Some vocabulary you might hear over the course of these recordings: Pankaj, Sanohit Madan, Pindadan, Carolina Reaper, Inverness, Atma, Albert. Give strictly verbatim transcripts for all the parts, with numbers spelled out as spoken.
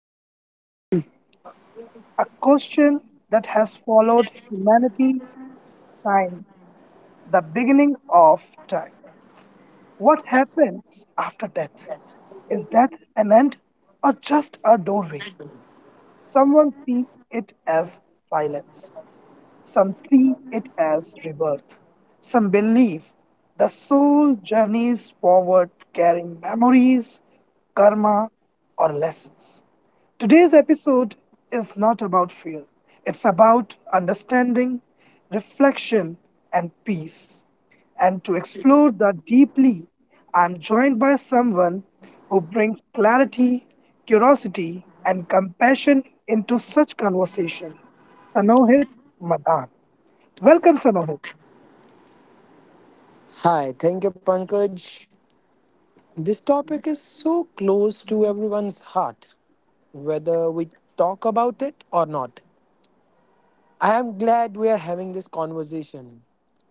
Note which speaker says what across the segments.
Speaker 1: into a question that has followed humanity since the beginning of time. What happens after death? Is death an end or just a doorway? Someone sees it as silence. Some see it as rebirth. Some believe the soul journeys forward carrying memories, karma, or lessons. Today's episode is not about fear, it's about understanding, reflection, and peace. And to explore that deeply, I'm joined by someone who brings clarity, curiosity, and compassion into such conversation. Sanohit Madan. Welcome, Sanohit.
Speaker 2: Hi, thank you, Pankaj. This topic is so close to everyone's heart, whether we talk about it or not. I am glad we are having this conversation,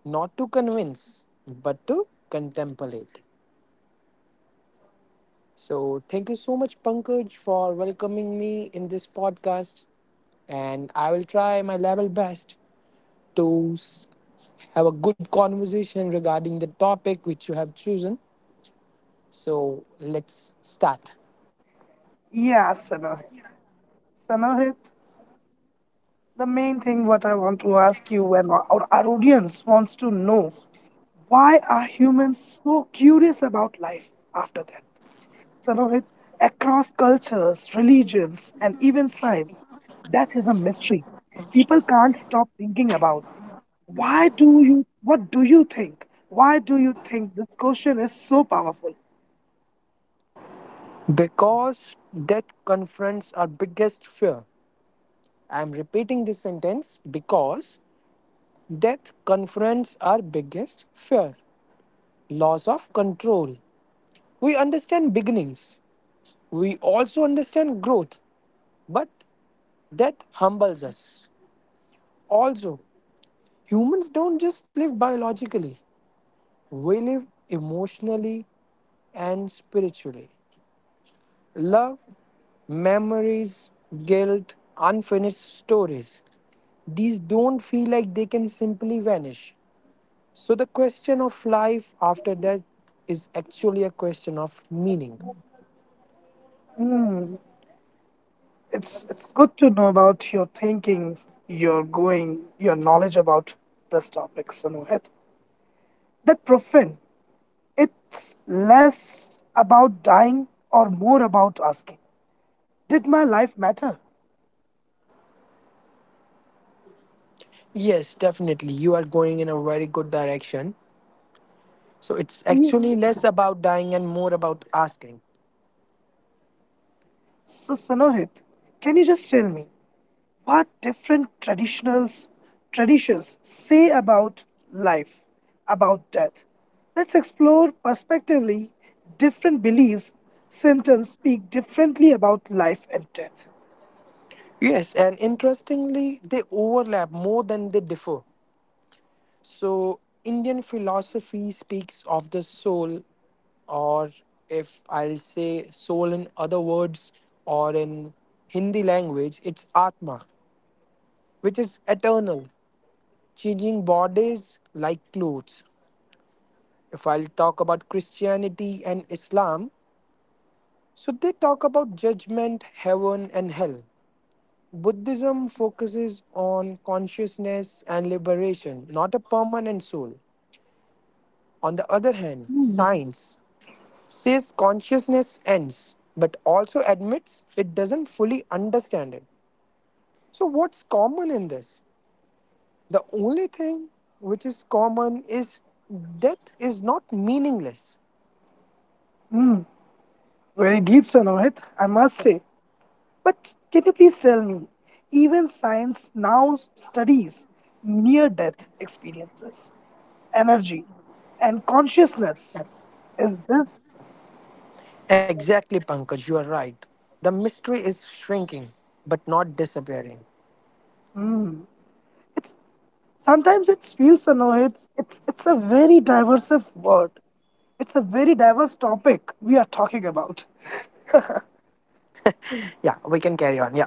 Speaker 2: not to convince, but to contemplate. So, thank you so much, Pankaj, for welcoming me in this podcast. And I will try my level best to s- have a good conversation regarding the topic which you have chosen. So let's start.
Speaker 1: Yeah, Sanohit. Sanohit, the main thing what I want to ask you and our, our audience wants to know why are humans so curious about life after death? Sanohit, across cultures, religions, and even science, death is a mystery. People can't stop thinking about why do you what do you think? Why do you think this question is so powerful?
Speaker 2: Because death confronts our biggest fear. I am repeating this sentence because death confronts our biggest fear loss of control. We understand beginnings, we also understand growth, but death humbles us. Also, humans don't just live biologically, we live emotionally and spiritually. Love memories, guilt, unfinished stories. These don't feel like they can simply vanish. So, the question of life after death is actually a question of meaning.
Speaker 1: Hmm. It's it's good to know about your thinking, your going, your knowledge about this topic, Sanuhit. That profane, it's less about dying or more about asking, did my life matter?
Speaker 2: Yes, definitely. You are going in a very good direction. So, it's
Speaker 1: Ye-
Speaker 2: actually less about dying and more about asking.
Speaker 1: So Sanohit, can you just tell me what different traditionals traditions say about life, about death? Let's explore perspectively different beliefs, symptoms speak differently about life and death.
Speaker 2: Yes, and interestingly, they overlap more than they differ. So, Indian philosophy speaks of the soul, or if I'll say soul in other words, or in Hindi language, it's Atma, which is eternal, changing bodies like clothes. If I'll talk about Christianity and Islam, so they talk about judgment, heaven, and hell. Buddhism focuses on consciousness and liberation, not a permanent soul. On the other hand, science says consciousness ends, but also admits it doesn't fully understand it. So, what's common in this? The only thing which is common is death is not meaningless.
Speaker 1: Hmm, very deep, Sanohit, I must say. But can you please tell me, even science now studies near death experiences, energy, and consciousness. Is this?
Speaker 2: Exactly, Pankaj, you are right. The mystery is shrinking, but not disappearing.
Speaker 1: Hmm. It's sometimes it feels, Sanohit, it's it's a very diverse word. It's a very diverse topic we are talking about.
Speaker 2: Yeah, we can carry on. Yeah.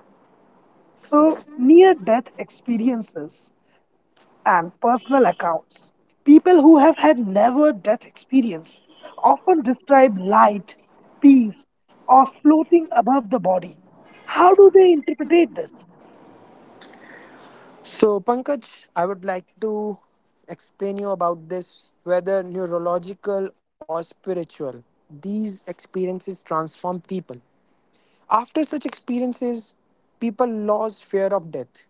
Speaker 1: So near death experiences and personal accounts. People who have had never death experience often describe light, peace, or floating above the body. How do they interpret this?
Speaker 2: So, Pankaj, I would like to explain you about this whether neurological or spiritual. These experiences transform people. After such experiences, people lose fear of death,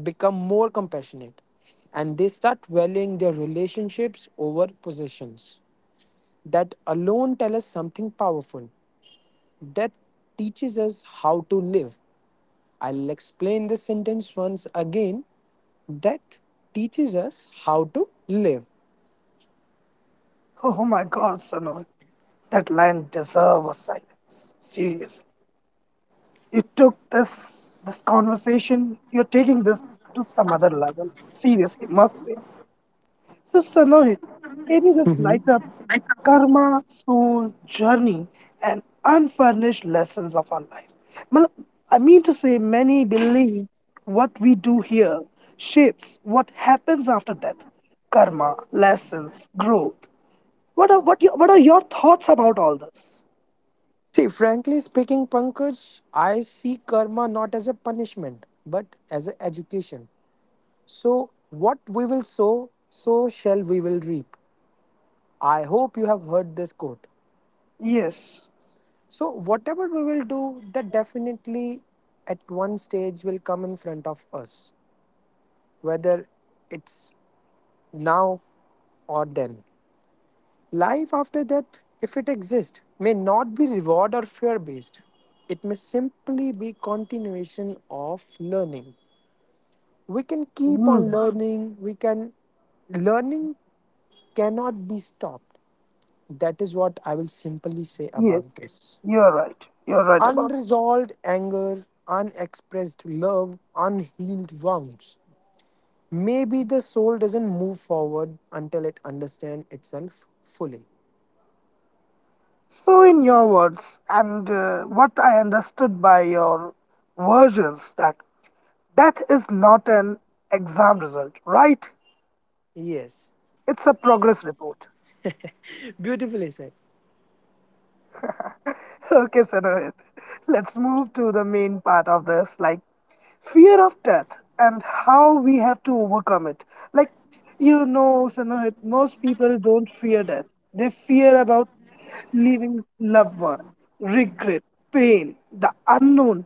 Speaker 2: become more compassionate, and they start valuing their relationships over possessions. That alone tell us something powerful. That teaches us how to live. I'll explain this sentence once again. Death teaches us how to live.
Speaker 1: Oh my god, Sanoy, that line deserves a silence. Seriously. You took this this conversation, you're taking this to some other level. Seriously, must be. So, Sanohit, can you just light up karma, soul, journey, and unfurnished lessons of our life? Mal- I mean to say, many believe what we do here shapes what happens after death karma, lessons, growth. What are, what, your, what are your thoughts about all this?
Speaker 2: See, frankly speaking, Pankaj, I see karma not as a punishment but as an education. So, what we will sow, so shall we will reap. I hope you have heard this quote.
Speaker 1: Yes.
Speaker 2: So, whatever we will do, that definitely at one stage will come in front of us, whether it's now or then. Life after that, if it exists, may not be reward or fear based. It may simply be continuation of learning. We can keep on
Speaker 1: Mm,
Speaker 2: learning, we can learning cannot be stopped. That is what I will simply say about
Speaker 1: yes.
Speaker 2: this.
Speaker 1: You're right. You're right about.
Speaker 2: Unresolved anger, unexpressed love, unhealed wounds. Maybe the soul doesn't move forward until it understands itself fully.
Speaker 1: So, in your words, and uh, what I understood by your versions that That is not an exam result, right?
Speaker 2: Yes,
Speaker 1: It's a progress report.
Speaker 2: beautifully said.
Speaker 1: Okay, Sanohit, let's move to the main part of this like fear of death and how we have to overcome it. Like, you know, Sanohit, most people don't fear death, they fear about leaving loved ones, regret, pain, the unknown.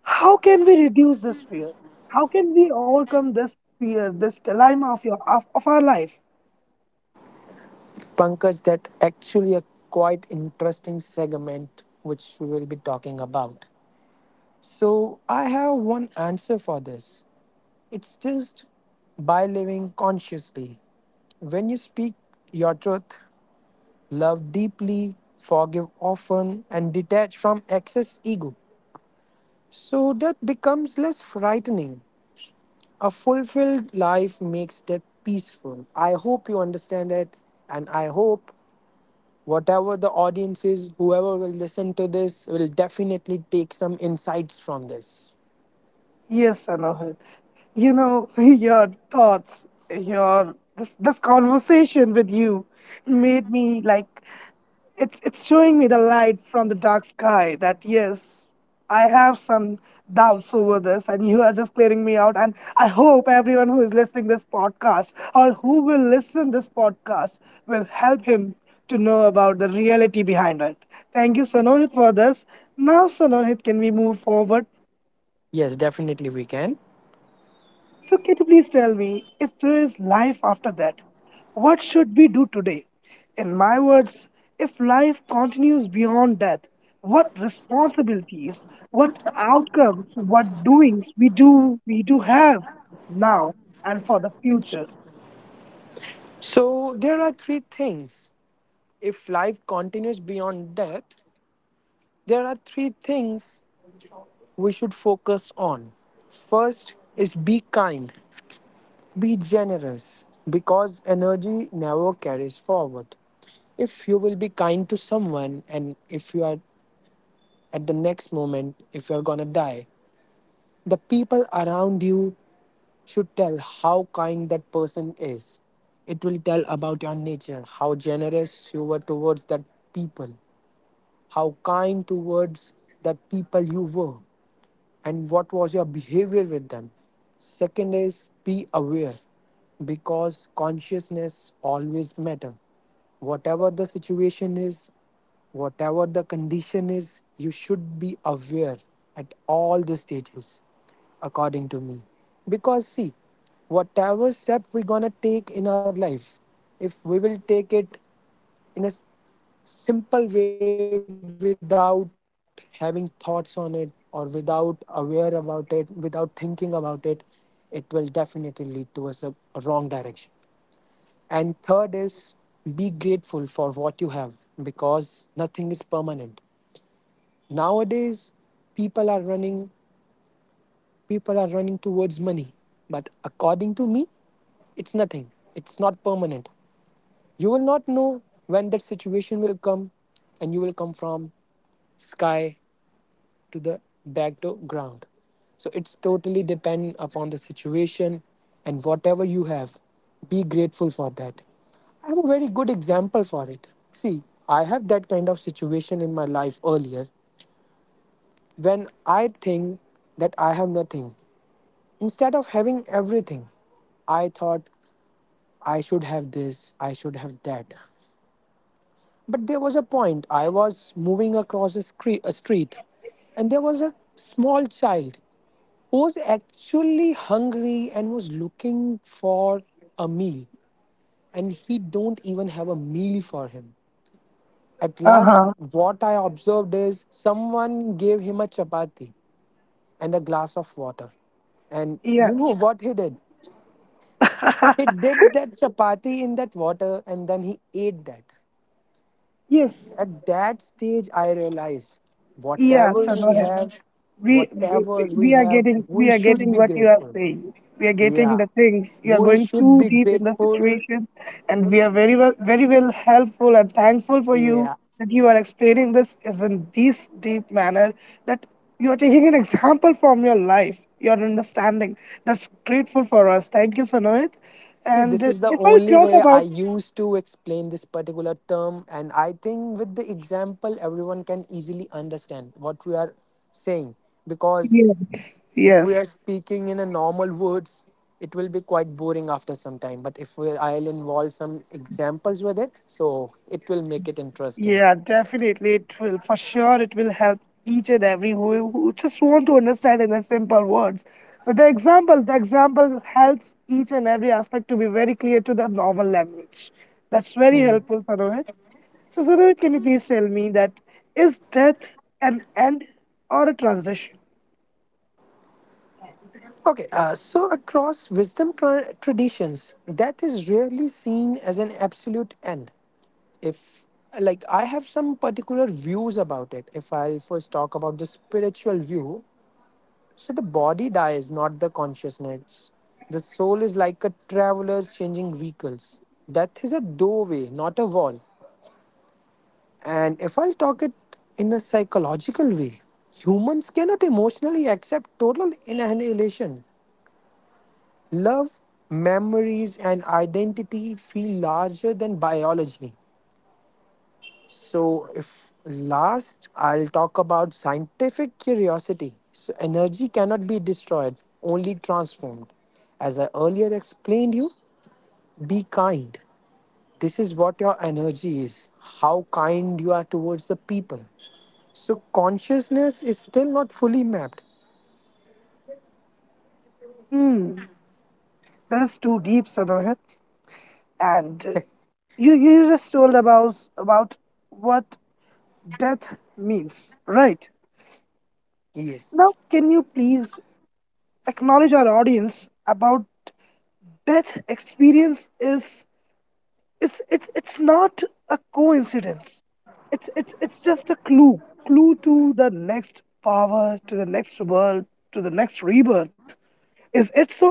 Speaker 1: How can we reduce this fear? How can we overcome this fear, this dilemma of, your, of, of our life?
Speaker 2: Pankaj, that actually a quite interesting segment which we will be talking about. So I have one answer for this. It's just by living consciously. When you speak your truth, love deeply, forgive often, and detach from excess ego. So death becomes less frightening. A fulfilled life makes death peaceful. I hope you understand it, and I hope whatever the audience is, whoever will listen to this will definitely take some insights from this.
Speaker 1: Yes, Alohit. You know, your thoughts, your this, this conversation with you made me like it's it's showing me the light from the dark sky that yes, I have some doubts over this and you are just clearing me out and I hope everyone who is listening this podcast or who will listen this podcast will help him to know about the reality behind it. Thank you, Sanohit, for this. Now Sanohit can we move forward.
Speaker 2: Yes, definitely we can.
Speaker 1: So, can you please tell me if there is life after that? What should we do today? In my words, if life continues beyond death, what responsibilities, what outcomes, what doings we do we do have now and for the future?
Speaker 2: So there are three things. If life continues beyond death, there are three things we should focus on. First is be kind, be generous, because energy never carries forward. If you will be kind to someone, and if you are at the next moment, if you are gonna die, the people around you should tell how kind that person is. It will tell about your nature, how generous you were towards that people, how kind towards that people you were and what was your behavior with them. Second is be aware because consciousness always matter. Whatever the situation is, whatever the condition is, you should be aware at all the stages, according to me. Because see, whatever step we're gonna take in our life, if we will take it in a s- simple way without having thoughts on it or without aware about it without thinking about it, it will definitely lead to towards a a wrong direction. And third is be grateful for what you have, because nothing is permanent. Nowadays people are running, people are running towards money, but according to me, it's nothing, it's not permanent. You will not know when that situation will come and you will come from sky to the back to ground. So it's totally dependent upon the situation, and whatever you have, be grateful for that. I have a very good example for it. See, I have that kind of situation in my life earlier, when I think that I have nothing, instead of having everything. I thought I should have this, I should have that. But there was a point. I was moving across a, scre- a street, and there was a small child who was actually hungry and was looking for a meal, and he don't even have a meal for him. At
Speaker 1: Uh
Speaker 2: last,
Speaker 1: huh.
Speaker 2: what I observed is someone gave him a chapati and a glass of water. And
Speaker 1: Yeah.
Speaker 2: you know what he did? He dipped that chapati in that water and then he ate that.
Speaker 1: Yes.
Speaker 2: At that stage, I realized
Speaker 1: Yeah.
Speaker 2: whatever
Speaker 1: So go
Speaker 2: we
Speaker 1: ahead.
Speaker 2: have,
Speaker 1: we we
Speaker 2: whatever we
Speaker 1: we are
Speaker 2: have,
Speaker 1: getting,
Speaker 2: we
Speaker 1: we are
Speaker 2: should
Speaker 1: getting
Speaker 2: be
Speaker 1: what you are
Speaker 2: grateful.
Speaker 1: saying, we are
Speaker 2: Yeah,
Speaker 1: getting the things, you are
Speaker 2: we
Speaker 1: going
Speaker 2: should be
Speaker 1: too deep in the
Speaker 2: grateful.
Speaker 1: situation, and we are very well, very well helpful and thankful for you
Speaker 2: Yeah.
Speaker 1: that you are explaining this is in this deep manner, that you are taking an example from your life, your understanding, that's grateful for us. Thank you, Sanoit.
Speaker 2: See, this
Speaker 1: And
Speaker 2: is
Speaker 1: uh,
Speaker 2: the
Speaker 1: if I
Speaker 2: only
Speaker 1: talk
Speaker 2: way I
Speaker 1: about
Speaker 2: used to explain this particular term, and I think with the example, everyone can easily understand what we are saying, because
Speaker 1: yes,
Speaker 2: if we
Speaker 1: yes.
Speaker 2: are speaking in a normal words, it will be quite boring after some time, but if we, I'll involve some examples with it, so it will make it interesting.
Speaker 1: Yeah, definitely it will. For sure, it will help each and every who, who just want to understand in the simple words. But the example, the example helps each and every aspect to be very clear to the normal language. That's very
Speaker 2: Mhm.
Speaker 1: helpful, Sanohit. So, Sanohit, can you please tell me that is death an end or a transition?
Speaker 2: Okay, uh, so across wisdom tra- traditions, death is rarely seen as an absolute end. If, like, I have some particular views about it. If I'll first talk about the spiritual view, so the body dies, not the consciousness. The soul is like a traveler changing vehicles. Death is a doorway, not a wall. And if I'll talk it in a psychological way, humans cannot emotionally accept total annihilation. Love, memories, and identity feel larger than biology. So, if last, I'll talk about scientific curiosity. So, energy cannot be destroyed, only transformed. As I earlier explained you, be kind. This is what your energy is, how kind you are towards the people. So, consciousness is still not fully mapped.
Speaker 1: Hmm, that is too deep, Sanohit. And uh, you you just told about about what death means, right?
Speaker 2: Yes.
Speaker 1: Now, can you please acknowledge our audience about death experience is it's it's it's not a coincidence. It's it's it's just a clue, clue to the next power, to the next world, to the next rebirth. Is it so?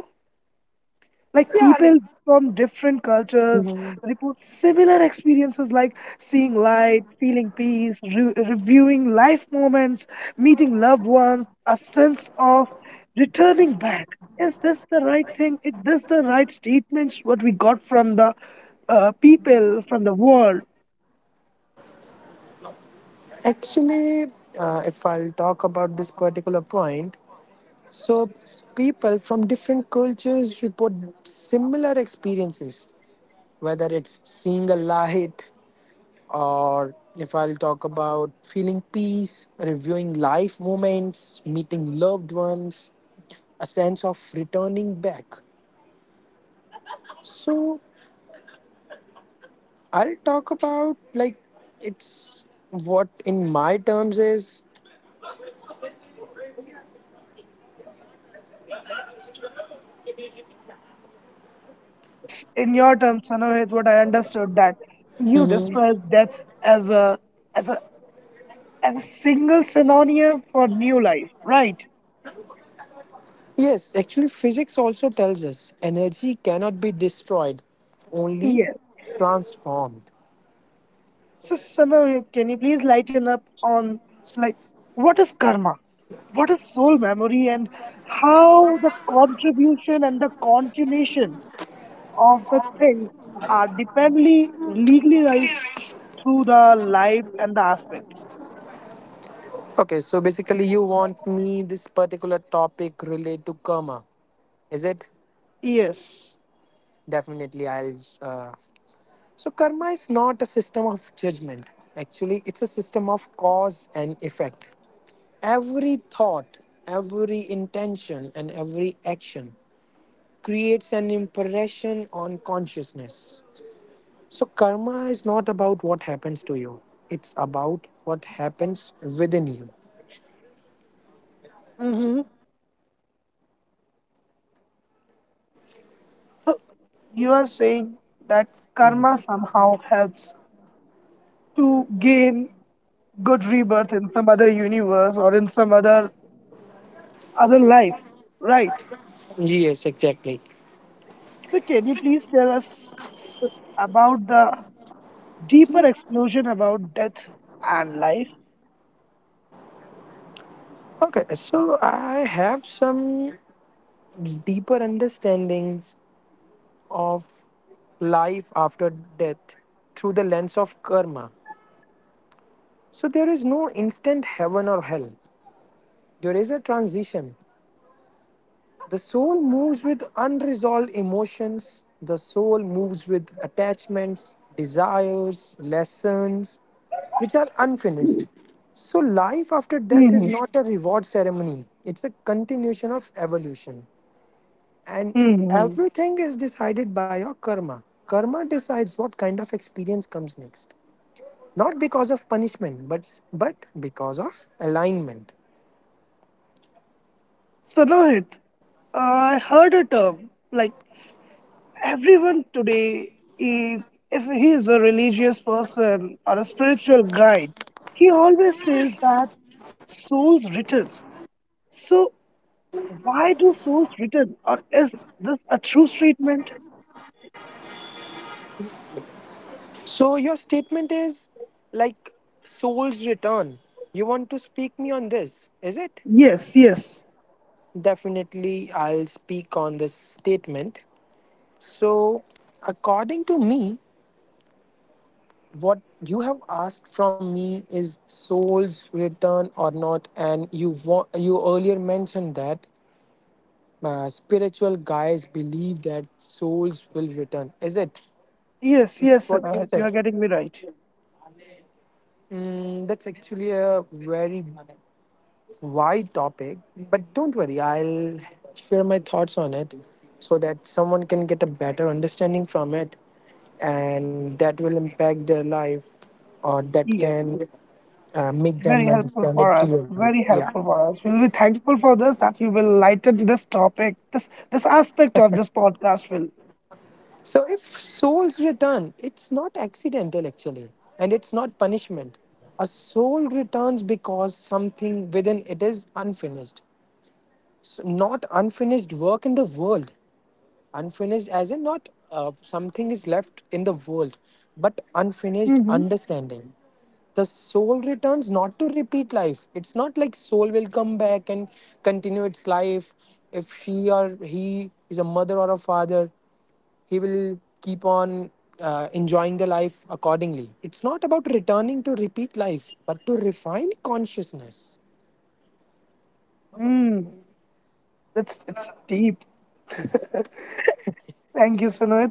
Speaker 1: Like
Speaker 2: Yeah, like
Speaker 1: people from different cultures report similar experiences like seeing light, feeling peace, re- reviewing life moments, meeting loved ones, a sense of returning back. Is this the right thing? Is this the right statements what we got from the uh, people from the world?
Speaker 2: actually, uh, if I'll talk about this particular point, so people from different cultures report similar experiences whether it's seeing a light or if I'll talk about feeling peace, reviewing life moments, meeting loved ones, a sense of returning back. So I'll talk about like it's what in my terms is
Speaker 1: It, it's in your terms, Sanohit, what I understood that you describe death as a as a as a single synonym for new life, right?
Speaker 2: yes, actually, physics also tells us energy cannot be destroyed, only
Speaker 1: Yes.
Speaker 2: transformed.
Speaker 1: So, Sana, can you please lighten up on like what is karma, what is soul memory, and how the contribution and the continuation of the things are dependently legalized through the life and the aspects.
Speaker 2: Okay, so basically, you want me this particular topic relate to karma, is it?
Speaker 1: Yes.
Speaker 2: Definitely, I'll. Uh, so, karma is not a system of judgment. Actually, it's a system of cause and effect. Every thought, every intention, and every action creates an impression on consciousness. So, karma is not about what happens to you, it's about what happens within you.
Speaker 1: Mm-hmm. So you are saying that karma somehow helps to gain good rebirth in some other universe or in some other other life, right?
Speaker 2: Yes, exactly.
Speaker 1: So, can you please tell us s- about the deeper explosion about death and life?
Speaker 2: Okay, so I have some deeper understanding of life after death through the lens of karma. So there is no instant heaven or hell. There is a transition. The soul moves with unresolved emotions. The soul moves with attachments, desires, lessons, which are unfinished. So life after death is
Speaker 1: Hmm.
Speaker 2: not a reward ceremony. It's a continuation of evolution. And
Speaker 1: Hmm.
Speaker 2: everything is decided by your karma. Karma decides what kind of experience comes next. Not because of punishment, but but because of alignment.
Speaker 1: So, Nohit, I heard a term like everyone today, he, if he is a religious person or a spiritual guide, he always says that souls return. So, why do souls return, or is this a true statement?
Speaker 2: So your statement is like soul's return. You want to speak me on this, is it?
Speaker 1: Yes, yes,
Speaker 2: Definitely I'll speak on this statement. So according to me, what you have asked from me is souls return or not, and you wa- you earlier mentioned that uh, spiritual guys believe that souls will return, is it?
Speaker 1: yes,
Speaker 2: Is it
Speaker 1: yes,
Speaker 2: what you
Speaker 1: Sanohit, you
Speaker 2: said?
Speaker 1: are getting me right.
Speaker 2: Mm, that's actually a very wide topic, but don't worry, I'll share my thoughts on it so that someone can get a better understanding from it, and that will impact their life, or that can uh, make them
Speaker 1: Very helpful
Speaker 2: understand
Speaker 1: for
Speaker 2: it
Speaker 1: us.
Speaker 2: clearly.
Speaker 1: Very
Speaker 2: Yeah.
Speaker 1: helpful for us. We'll be thankful for this that you will lighten this topic, this this aspect of this podcast will.
Speaker 2: So if souls return, it's not accidental actually, and it's not punishment. A soul returns because something within it is unfinished. So not unfinished work in the world. Unfinished as in not uh, something is left in the world, but unfinished
Speaker 1: Mm-hmm.
Speaker 2: understanding. The soul returns not to repeat life. It's not like soul will come back and continue its life, if she or he is a mother or a father, he will keep on uh, enjoying the life accordingly. It's not about returning to repeat life but to refine consciousness.
Speaker 1: Mm, it's it's deep. Thank you, Sunoit.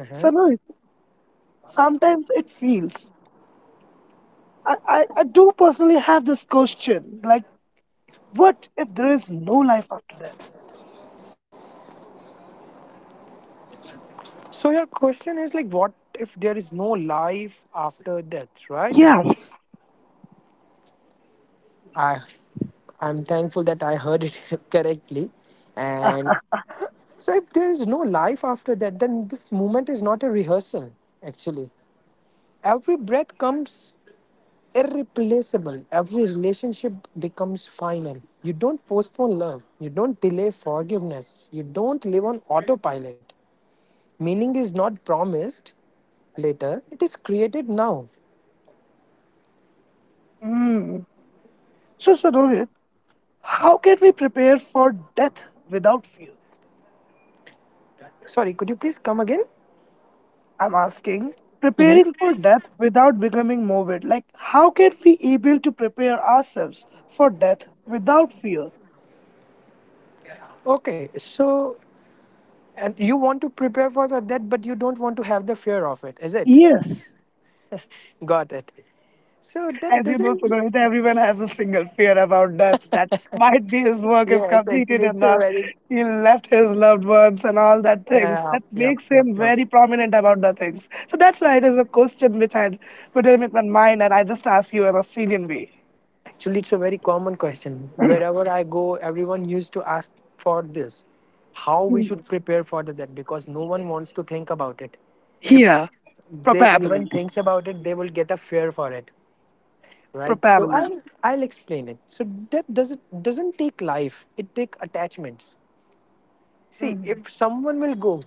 Speaker 2: Uh-huh.
Speaker 1: Sunoit, sometimes it feels. I, I, I do personally have this question like, what if there is no life after death?
Speaker 2: So your question is like, what if there is no life after death, right?
Speaker 1: Yes.
Speaker 2: I I'm thankful that I heard it correctly.
Speaker 1: Ah,
Speaker 2: And so, if there is no life after that, then this moment is not a rehearsal, actually. Every breath comes irreplaceable, every relationship becomes final. You don't postpone love, you don't delay forgiveness, you don't live on autopilot. Meaning is not promised later, it is created now.
Speaker 1: mm. So, Sunoit, how can we prepare for death without fear?
Speaker 2: Sorry, could you please come again?
Speaker 1: I'm asking,
Speaker 2: Hmm.
Speaker 1: preparing for death without becoming morbid. Like, how can we able to prepare ourselves for death without fear?
Speaker 2: Okay, so and you want to prepare for the- that, but you don't want to have the fear of it, is it?
Speaker 1: Yes.
Speaker 2: Got it. So that
Speaker 1: As you know,
Speaker 2: doesn't.
Speaker 1: Sunarita, everyone has a single fear about death. That might be his work is
Speaker 2: Yes, actually,
Speaker 1: completed or
Speaker 2: it's a
Speaker 1: not.
Speaker 2: very.
Speaker 1: He left his loved ones and all that things.
Speaker 2: Uh,
Speaker 1: That
Speaker 2: yep,
Speaker 1: makes
Speaker 2: yep,
Speaker 1: him
Speaker 2: yep.
Speaker 1: very prominent about the things. So that's why it is a question which I had put in my mind and I just ask you in a Syrian way.
Speaker 2: Actually, it's a very common question. Wherever I go, everyone used to ask for this, how we should prepare for the that, because no one wants to think about it. If
Speaker 1: Yeah,
Speaker 2: they
Speaker 1: probably.
Speaker 2: even thinks about it, they will get a fear for it, right? So
Speaker 1: Probably.
Speaker 2: I'll I'll explain it. So that doesn't doesn't take life. It take attachments. See,
Speaker 1: Mhm.
Speaker 2: if someone will go,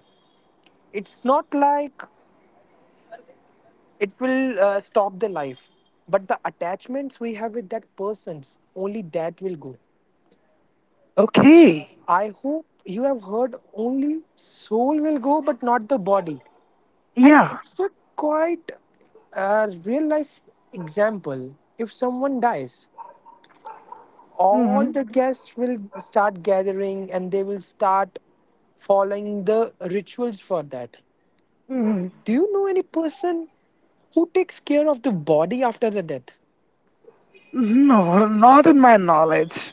Speaker 2: it's not like it will uh, stop the life, but the attachments we have with that person's only that will go.
Speaker 1: Okay.
Speaker 2: I hope you have heard only soul will go, but not the body, and
Speaker 1: Yeah.
Speaker 2: it's a quite uh, real life example. If someone dies, all
Speaker 1: Mm-hmm.
Speaker 2: the guests will start gathering and they will start following the rituals for that.
Speaker 1: Mm-hmm.
Speaker 2: Do you know any person who takes care of the body after the death?
Speaker 1: No, not in my knowledge.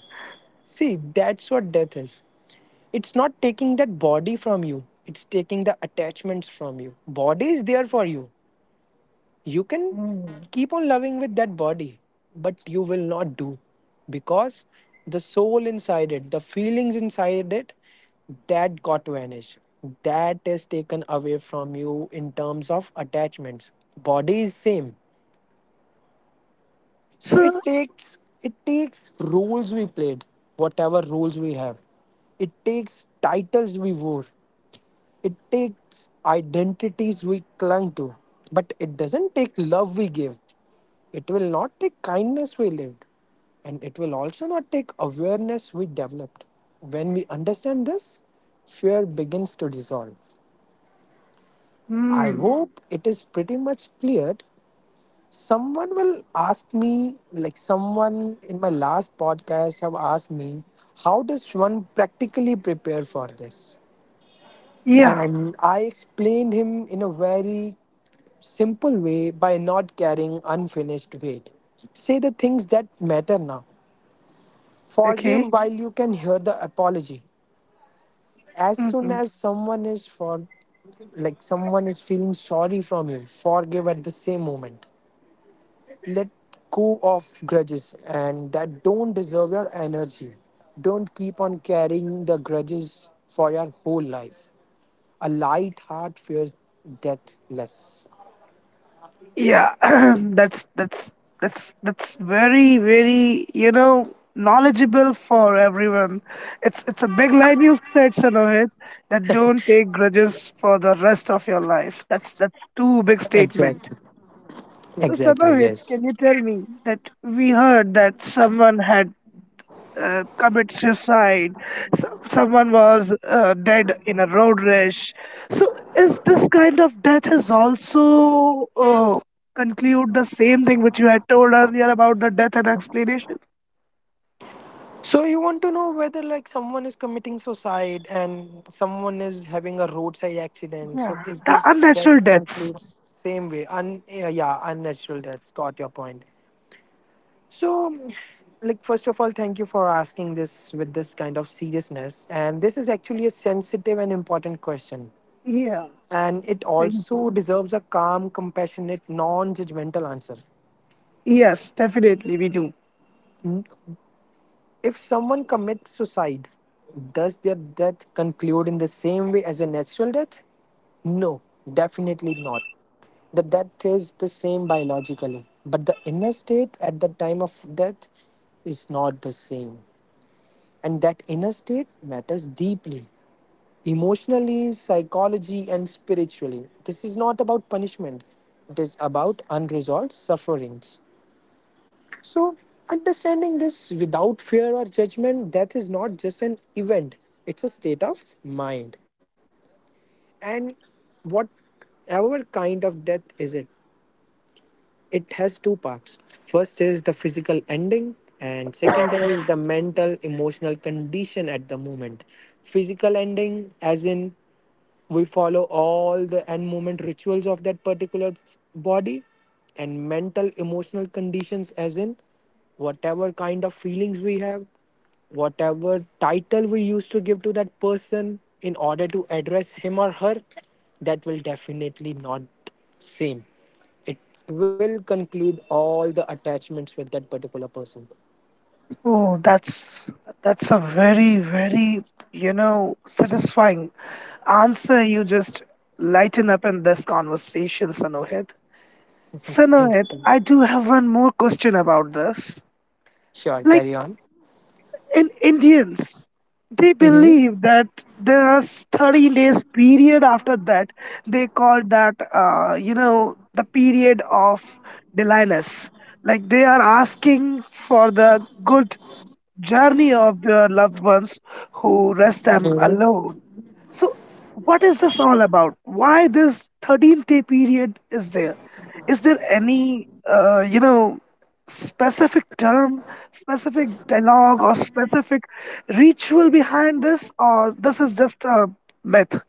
Speaker 2: See, that's what death is. It's not taking that body from you, it's taking the attachments from you. Body is there for you. You can
Speaker 1: Mm.
Speaker 2: keep on loving with that body, but you will not do because the soul inside it, the feelings inside it, that got vanished. That is taken away from you in terms of attachments. Body is same, so it
Speaker 1: So,
Speaker 2: takes it takes roles we played, whatever roles we have. It takes titles we wore. It takes identities we clung to. But it doesn't take love we gave. It will not take kindness we lived. And it will also not take awareness we developed. When we understand this, fear begins to dissolve. I
Speaker 1: mm,
Speaker 2: hope it is pretty much cleared. Someone will ask me, like someone in my last podcast have asked me, how does one practically prepare for this?
Speaker 1: yeah.
Speaker 2: And I explained him in a very simple way, by not carrying unfinished weight. Say the things that matter now.
Speaker 1: Okay.
Speaker 2: Forgive while you can hear the apology. As
Speaker 1: Mm-hmm.
Speaker 2: soon as someone is for, like someone is feeling sorry from you, forgive at the same moment. Let go of grudges and that don't deserve your energy. Don't keep on carrying the grudges for your whole life. A light heart fears death less.
Speaker 1: Yeah. That's that's that's that's very very, you know, knowledgeable for everyone. It's it's a big line you said, Sanohit, that don't take grudges for the rest of your life. That's that's too big
Speaker 2: Exactly.
Speaker 1: statement.
Speaker 2: Exactly,
Speaker 1: So
Speaker 2: yes.
Speaker 1: Sanohit, can you tell me that we heard that someone had uh, commit suicide. So, someone was uh, dead in a road rash. So is this kind of death is also uh, conclude the same thing which you had told earlier about the death and explanation?
Speaker 2: So you want to know whether like someone is committing suicide and someone is having a roadside accident. So
Speaker 1: Yeah.
Speaker 2: is
Speaker 1: The
Speaker 2: this death
Speaker 1: unnatural deaths.
Speaker 2: concludes same way? Un- uh, yeah, unnatural deaths. Got your point. So, like, first of all, thank you for asking this with this kind of seriousness. And this is actually a sensitive and important question.
Speaker 1: Yeah.
Speaker 2: And it
Speaker 1: Thank you.
Speaker 2: also deserves a calm, compassionate, non judgmental answer.
Speaker 1: Yes, definitely we do.
Speaker 2: N- If someone commits suicide, does their death conclude in the same way as a natural death? No, definitely not. The death is the same biologically, but the inner state at the time of death is not the same. And that inner state matters deeply emotionally, psychology, and spiritually. This is not about punishment, it is about unresolved sufferings. So, understanding this without fear or judgment, death is not just an event, it's a state of mind. And whatever kind of death is it, it has two parts. First is the physical ending, and second is the mental emotional condition at the moment. Physical ending, as in we follow all the end movement rituals of that particular f- body, and mental emotional conditions as in whatever kind of feelings we have, whatever title we used to give to that person in order to address him or her, that will definitely not same, it will conclude all the attachments with that particular person.
Speaker 1: Oh, that's that's a very, very, you know, satisfying answer. You just lighten up in this conversation, Sanohit.
Speaker 2: thank
Speaker 1: Sanoit,
Speaker 2: you.
Speaker 1: I do have one more question about this.
Speaker 2: Sure, carry
Speaker 1: Like
Speaker 2: on.
Speaker 1: in Indians, they believe that there are thirteen days period after that. They call that, uh, you know, the period of deliness. Like they are asking for the good journey of their loved ones who rest them
Speaker 2: Mhm.
Speaker 1: alone. So, what is this all about? Why this thirteenth day period is there? Is there any, uh, you know, specific term, specific dialogue, or specific ritual behind this, or this is just a myth?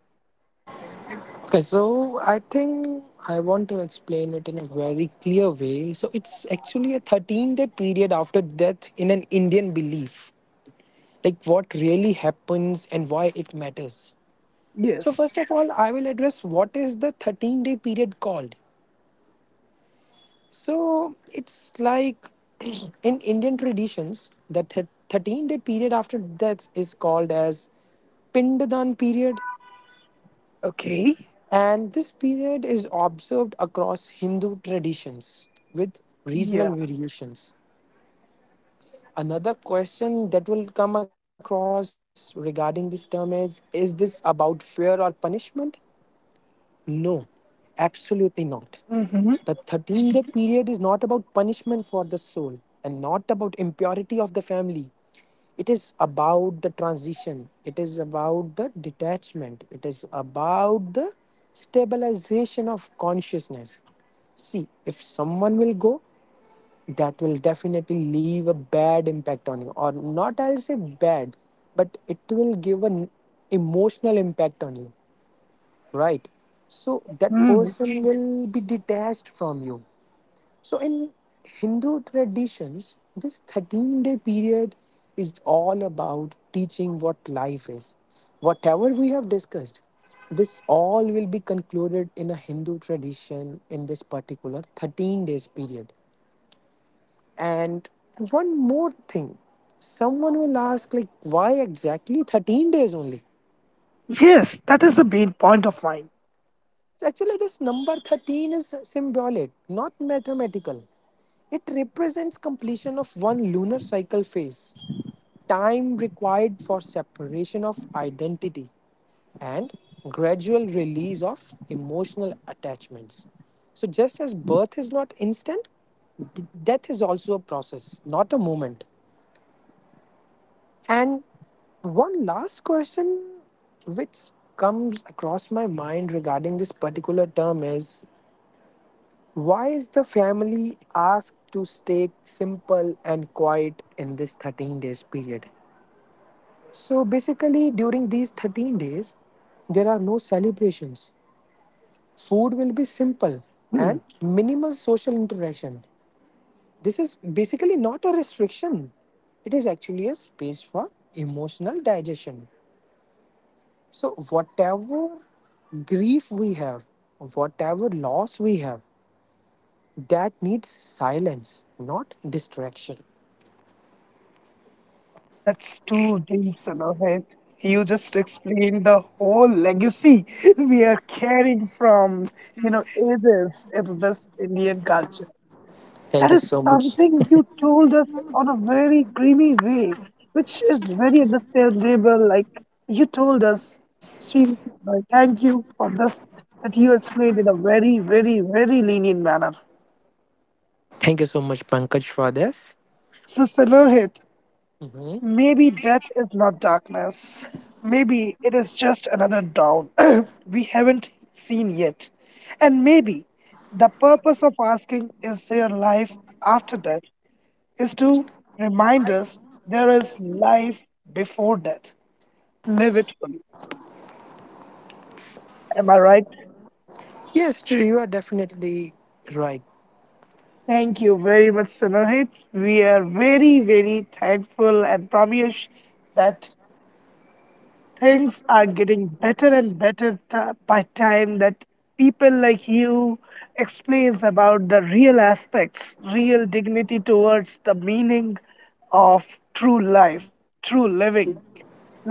Speaker 2: Okay, so I think I want to explain it in a very clear way. So it's actually a thirteen day period after death in an Indian belief, like what really happens and why it matters. So,
Speaker 1: Yes.
Speaker 2: first of all, I will address what is the thirteen day period called. So, it's like in Indian traditions, the thirteen day period after death is called as Pindadan period.
Speaker 1: Okay.
Speaker 2: And this period is observed across Hindu traditions with regional
Speaker 1: Yeah.
Speaker 2: variations. Another question that will come across regarding this term is Is this about fear or punishment? No, absolutely not. The
Speaker 1: Hmm.
Speaker 2: thirteen day period is not about punishment for the soul and not about impurity of the family. It is about the transition, it is about the detachment, it is about the stabilization of consciousness. See, if someone will go, that will definitely leave a bad impact on you, or not, I'll say bad, but it will give an emotional impact on you, right? So that person will be detached from you. So in Hindu traditions, this thirteen day period is all about teaching what life is. Whatever we have discussed, this all will be concluded in a Hindu tradition in this particular thirteen days period. And one more thing, someone will ask, like, why exactly thirteen days only?
Speaker 1: Yes, that is the main point of mine.
Speaker 2: So actually, this number thirteen is symbolic, not mathematical. It represents completion of one lunar cycle phase, time required for separation of identity and gradual release of emotional attachments. So, just as birth is not instant, d- death is also a process, not a moment. And one last question which comes across my mind regarding this particular term is, why is the family asked to stay simple and quiet in this thirteen days period? So basically during these thirteen days there are no celebrations. Food will be simple and minimal social interaction. This is basically not a restriction. It is actually a space for emotional digestion. So whatever grief we have, whatever loss we have, that needs silence, not distraction.
Speaker 1: That's that's too deep, Sanohit. You just explained the whole legacy we are carrying from, you know, ages in this Indian culture.
Speaker 2: Thank you
Speaker 1: That is
Speaker 2: so much.
Speaker 1: something you told us on a very creamy way, which is very understandable. Like you told us, Sri, like, thank you for this, that you explained in a very, very, very lenient manner.
Speaker 2: Thank you so much, Pankaj, for this.
Speaker 1: So, Sanohit,
Speaker 2: Mhm.
Speaker 1: maybe death is not darkness. Maybe it is just another dawn we haven't seen yet. And maybe the purpose of asking is there life after death is to remind us there is life before death. Live it fully. Am I right?
Speaker 2: Yes, true. You are definitely right.
Speaker 1: Thank you very much, Sunahit. We are very, very thankful and promise that things are getting better and better ti by time, that people like you explains about the real aspects, real dignity towards the meaning of true life, true living,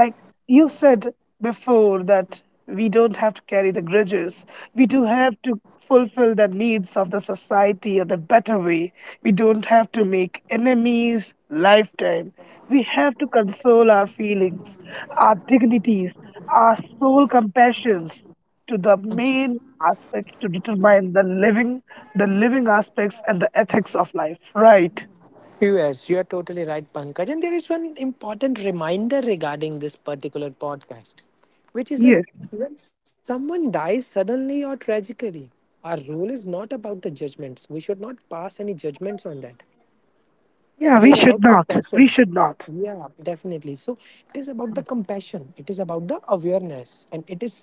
Speaker 1: like you said before, that we don't have to carry the grudges, we do have to fulfill the needs of the society in a better way, we don't have to make enemies lifetime, we have to console our feelings, our dignities, our soul compassions to the main aspect to determine the living, the living aspects and the ethics of life. Right.
Speaker 2: Yes, you are totally right, Pankaj. And there is one important reminder regarding this particular podcast, which is like
Speaker 1: Yes.
Speaker 2: when someone dies suddenly or tragically, our role is not about the judgments. We should not pass any judgments on that. It is
Speaker 1: Yeah,
Speaker 2: about
Speaker 1: we should not.
Speaker 2: compassion.
Speaker 1: We should not.
Speaker 2: Yeah, definitely. So it is about the compassion, it is about the awareness, and it is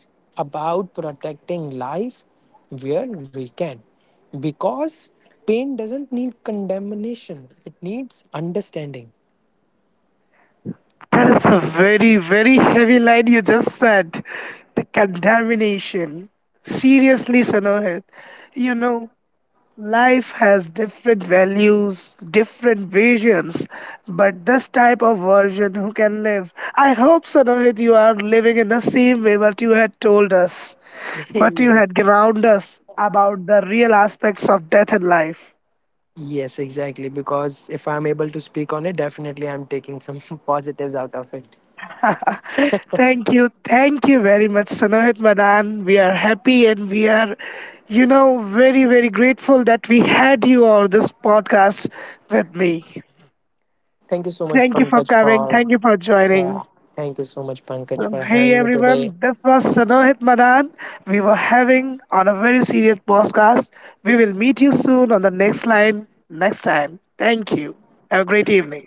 Speaker 2: about protecting life where we can, because pain doesn't need condemnation, it needs understanding.
Speaker 1: That is a very, very heavy line you just said. The contamination. Seriously, Sanohit. You know, life has different values, different visions, but this type of version who can live. I hope, Sonovit, you are living in the same way what you had told us, what you had
Speaker 2: yes.
Speaker 1: ground us about the real aspects of death and life.
Speaker 2: Yes, exactly, because if I'm able to speak on it, definitely I'm taking some positives out of it.
Speaker 1: Thank you, thank you very much, Sonovit Madan. We are happy and we are, you know, very, very grateful that we had you on this podcast with me.
Speaker 2: Thank you so much,
Speaker 1: Thank you for
Speaker 2: Pankaj, for
Speaker 1: coming. Thank you for
Speaker 2: yeah,
Speaker 1: joining.
Speaker 2: thank you so much, Pankaj,
Speaker 1: Um,
Speaker 2: for
Speaker 1: Hey
Speaker 2: having me today.
Speaker 1: everyone, this was Sanohit Madan. We were having on a very serious podcast. We will meet you soon on the next line next time. Thank you. Have a great evening.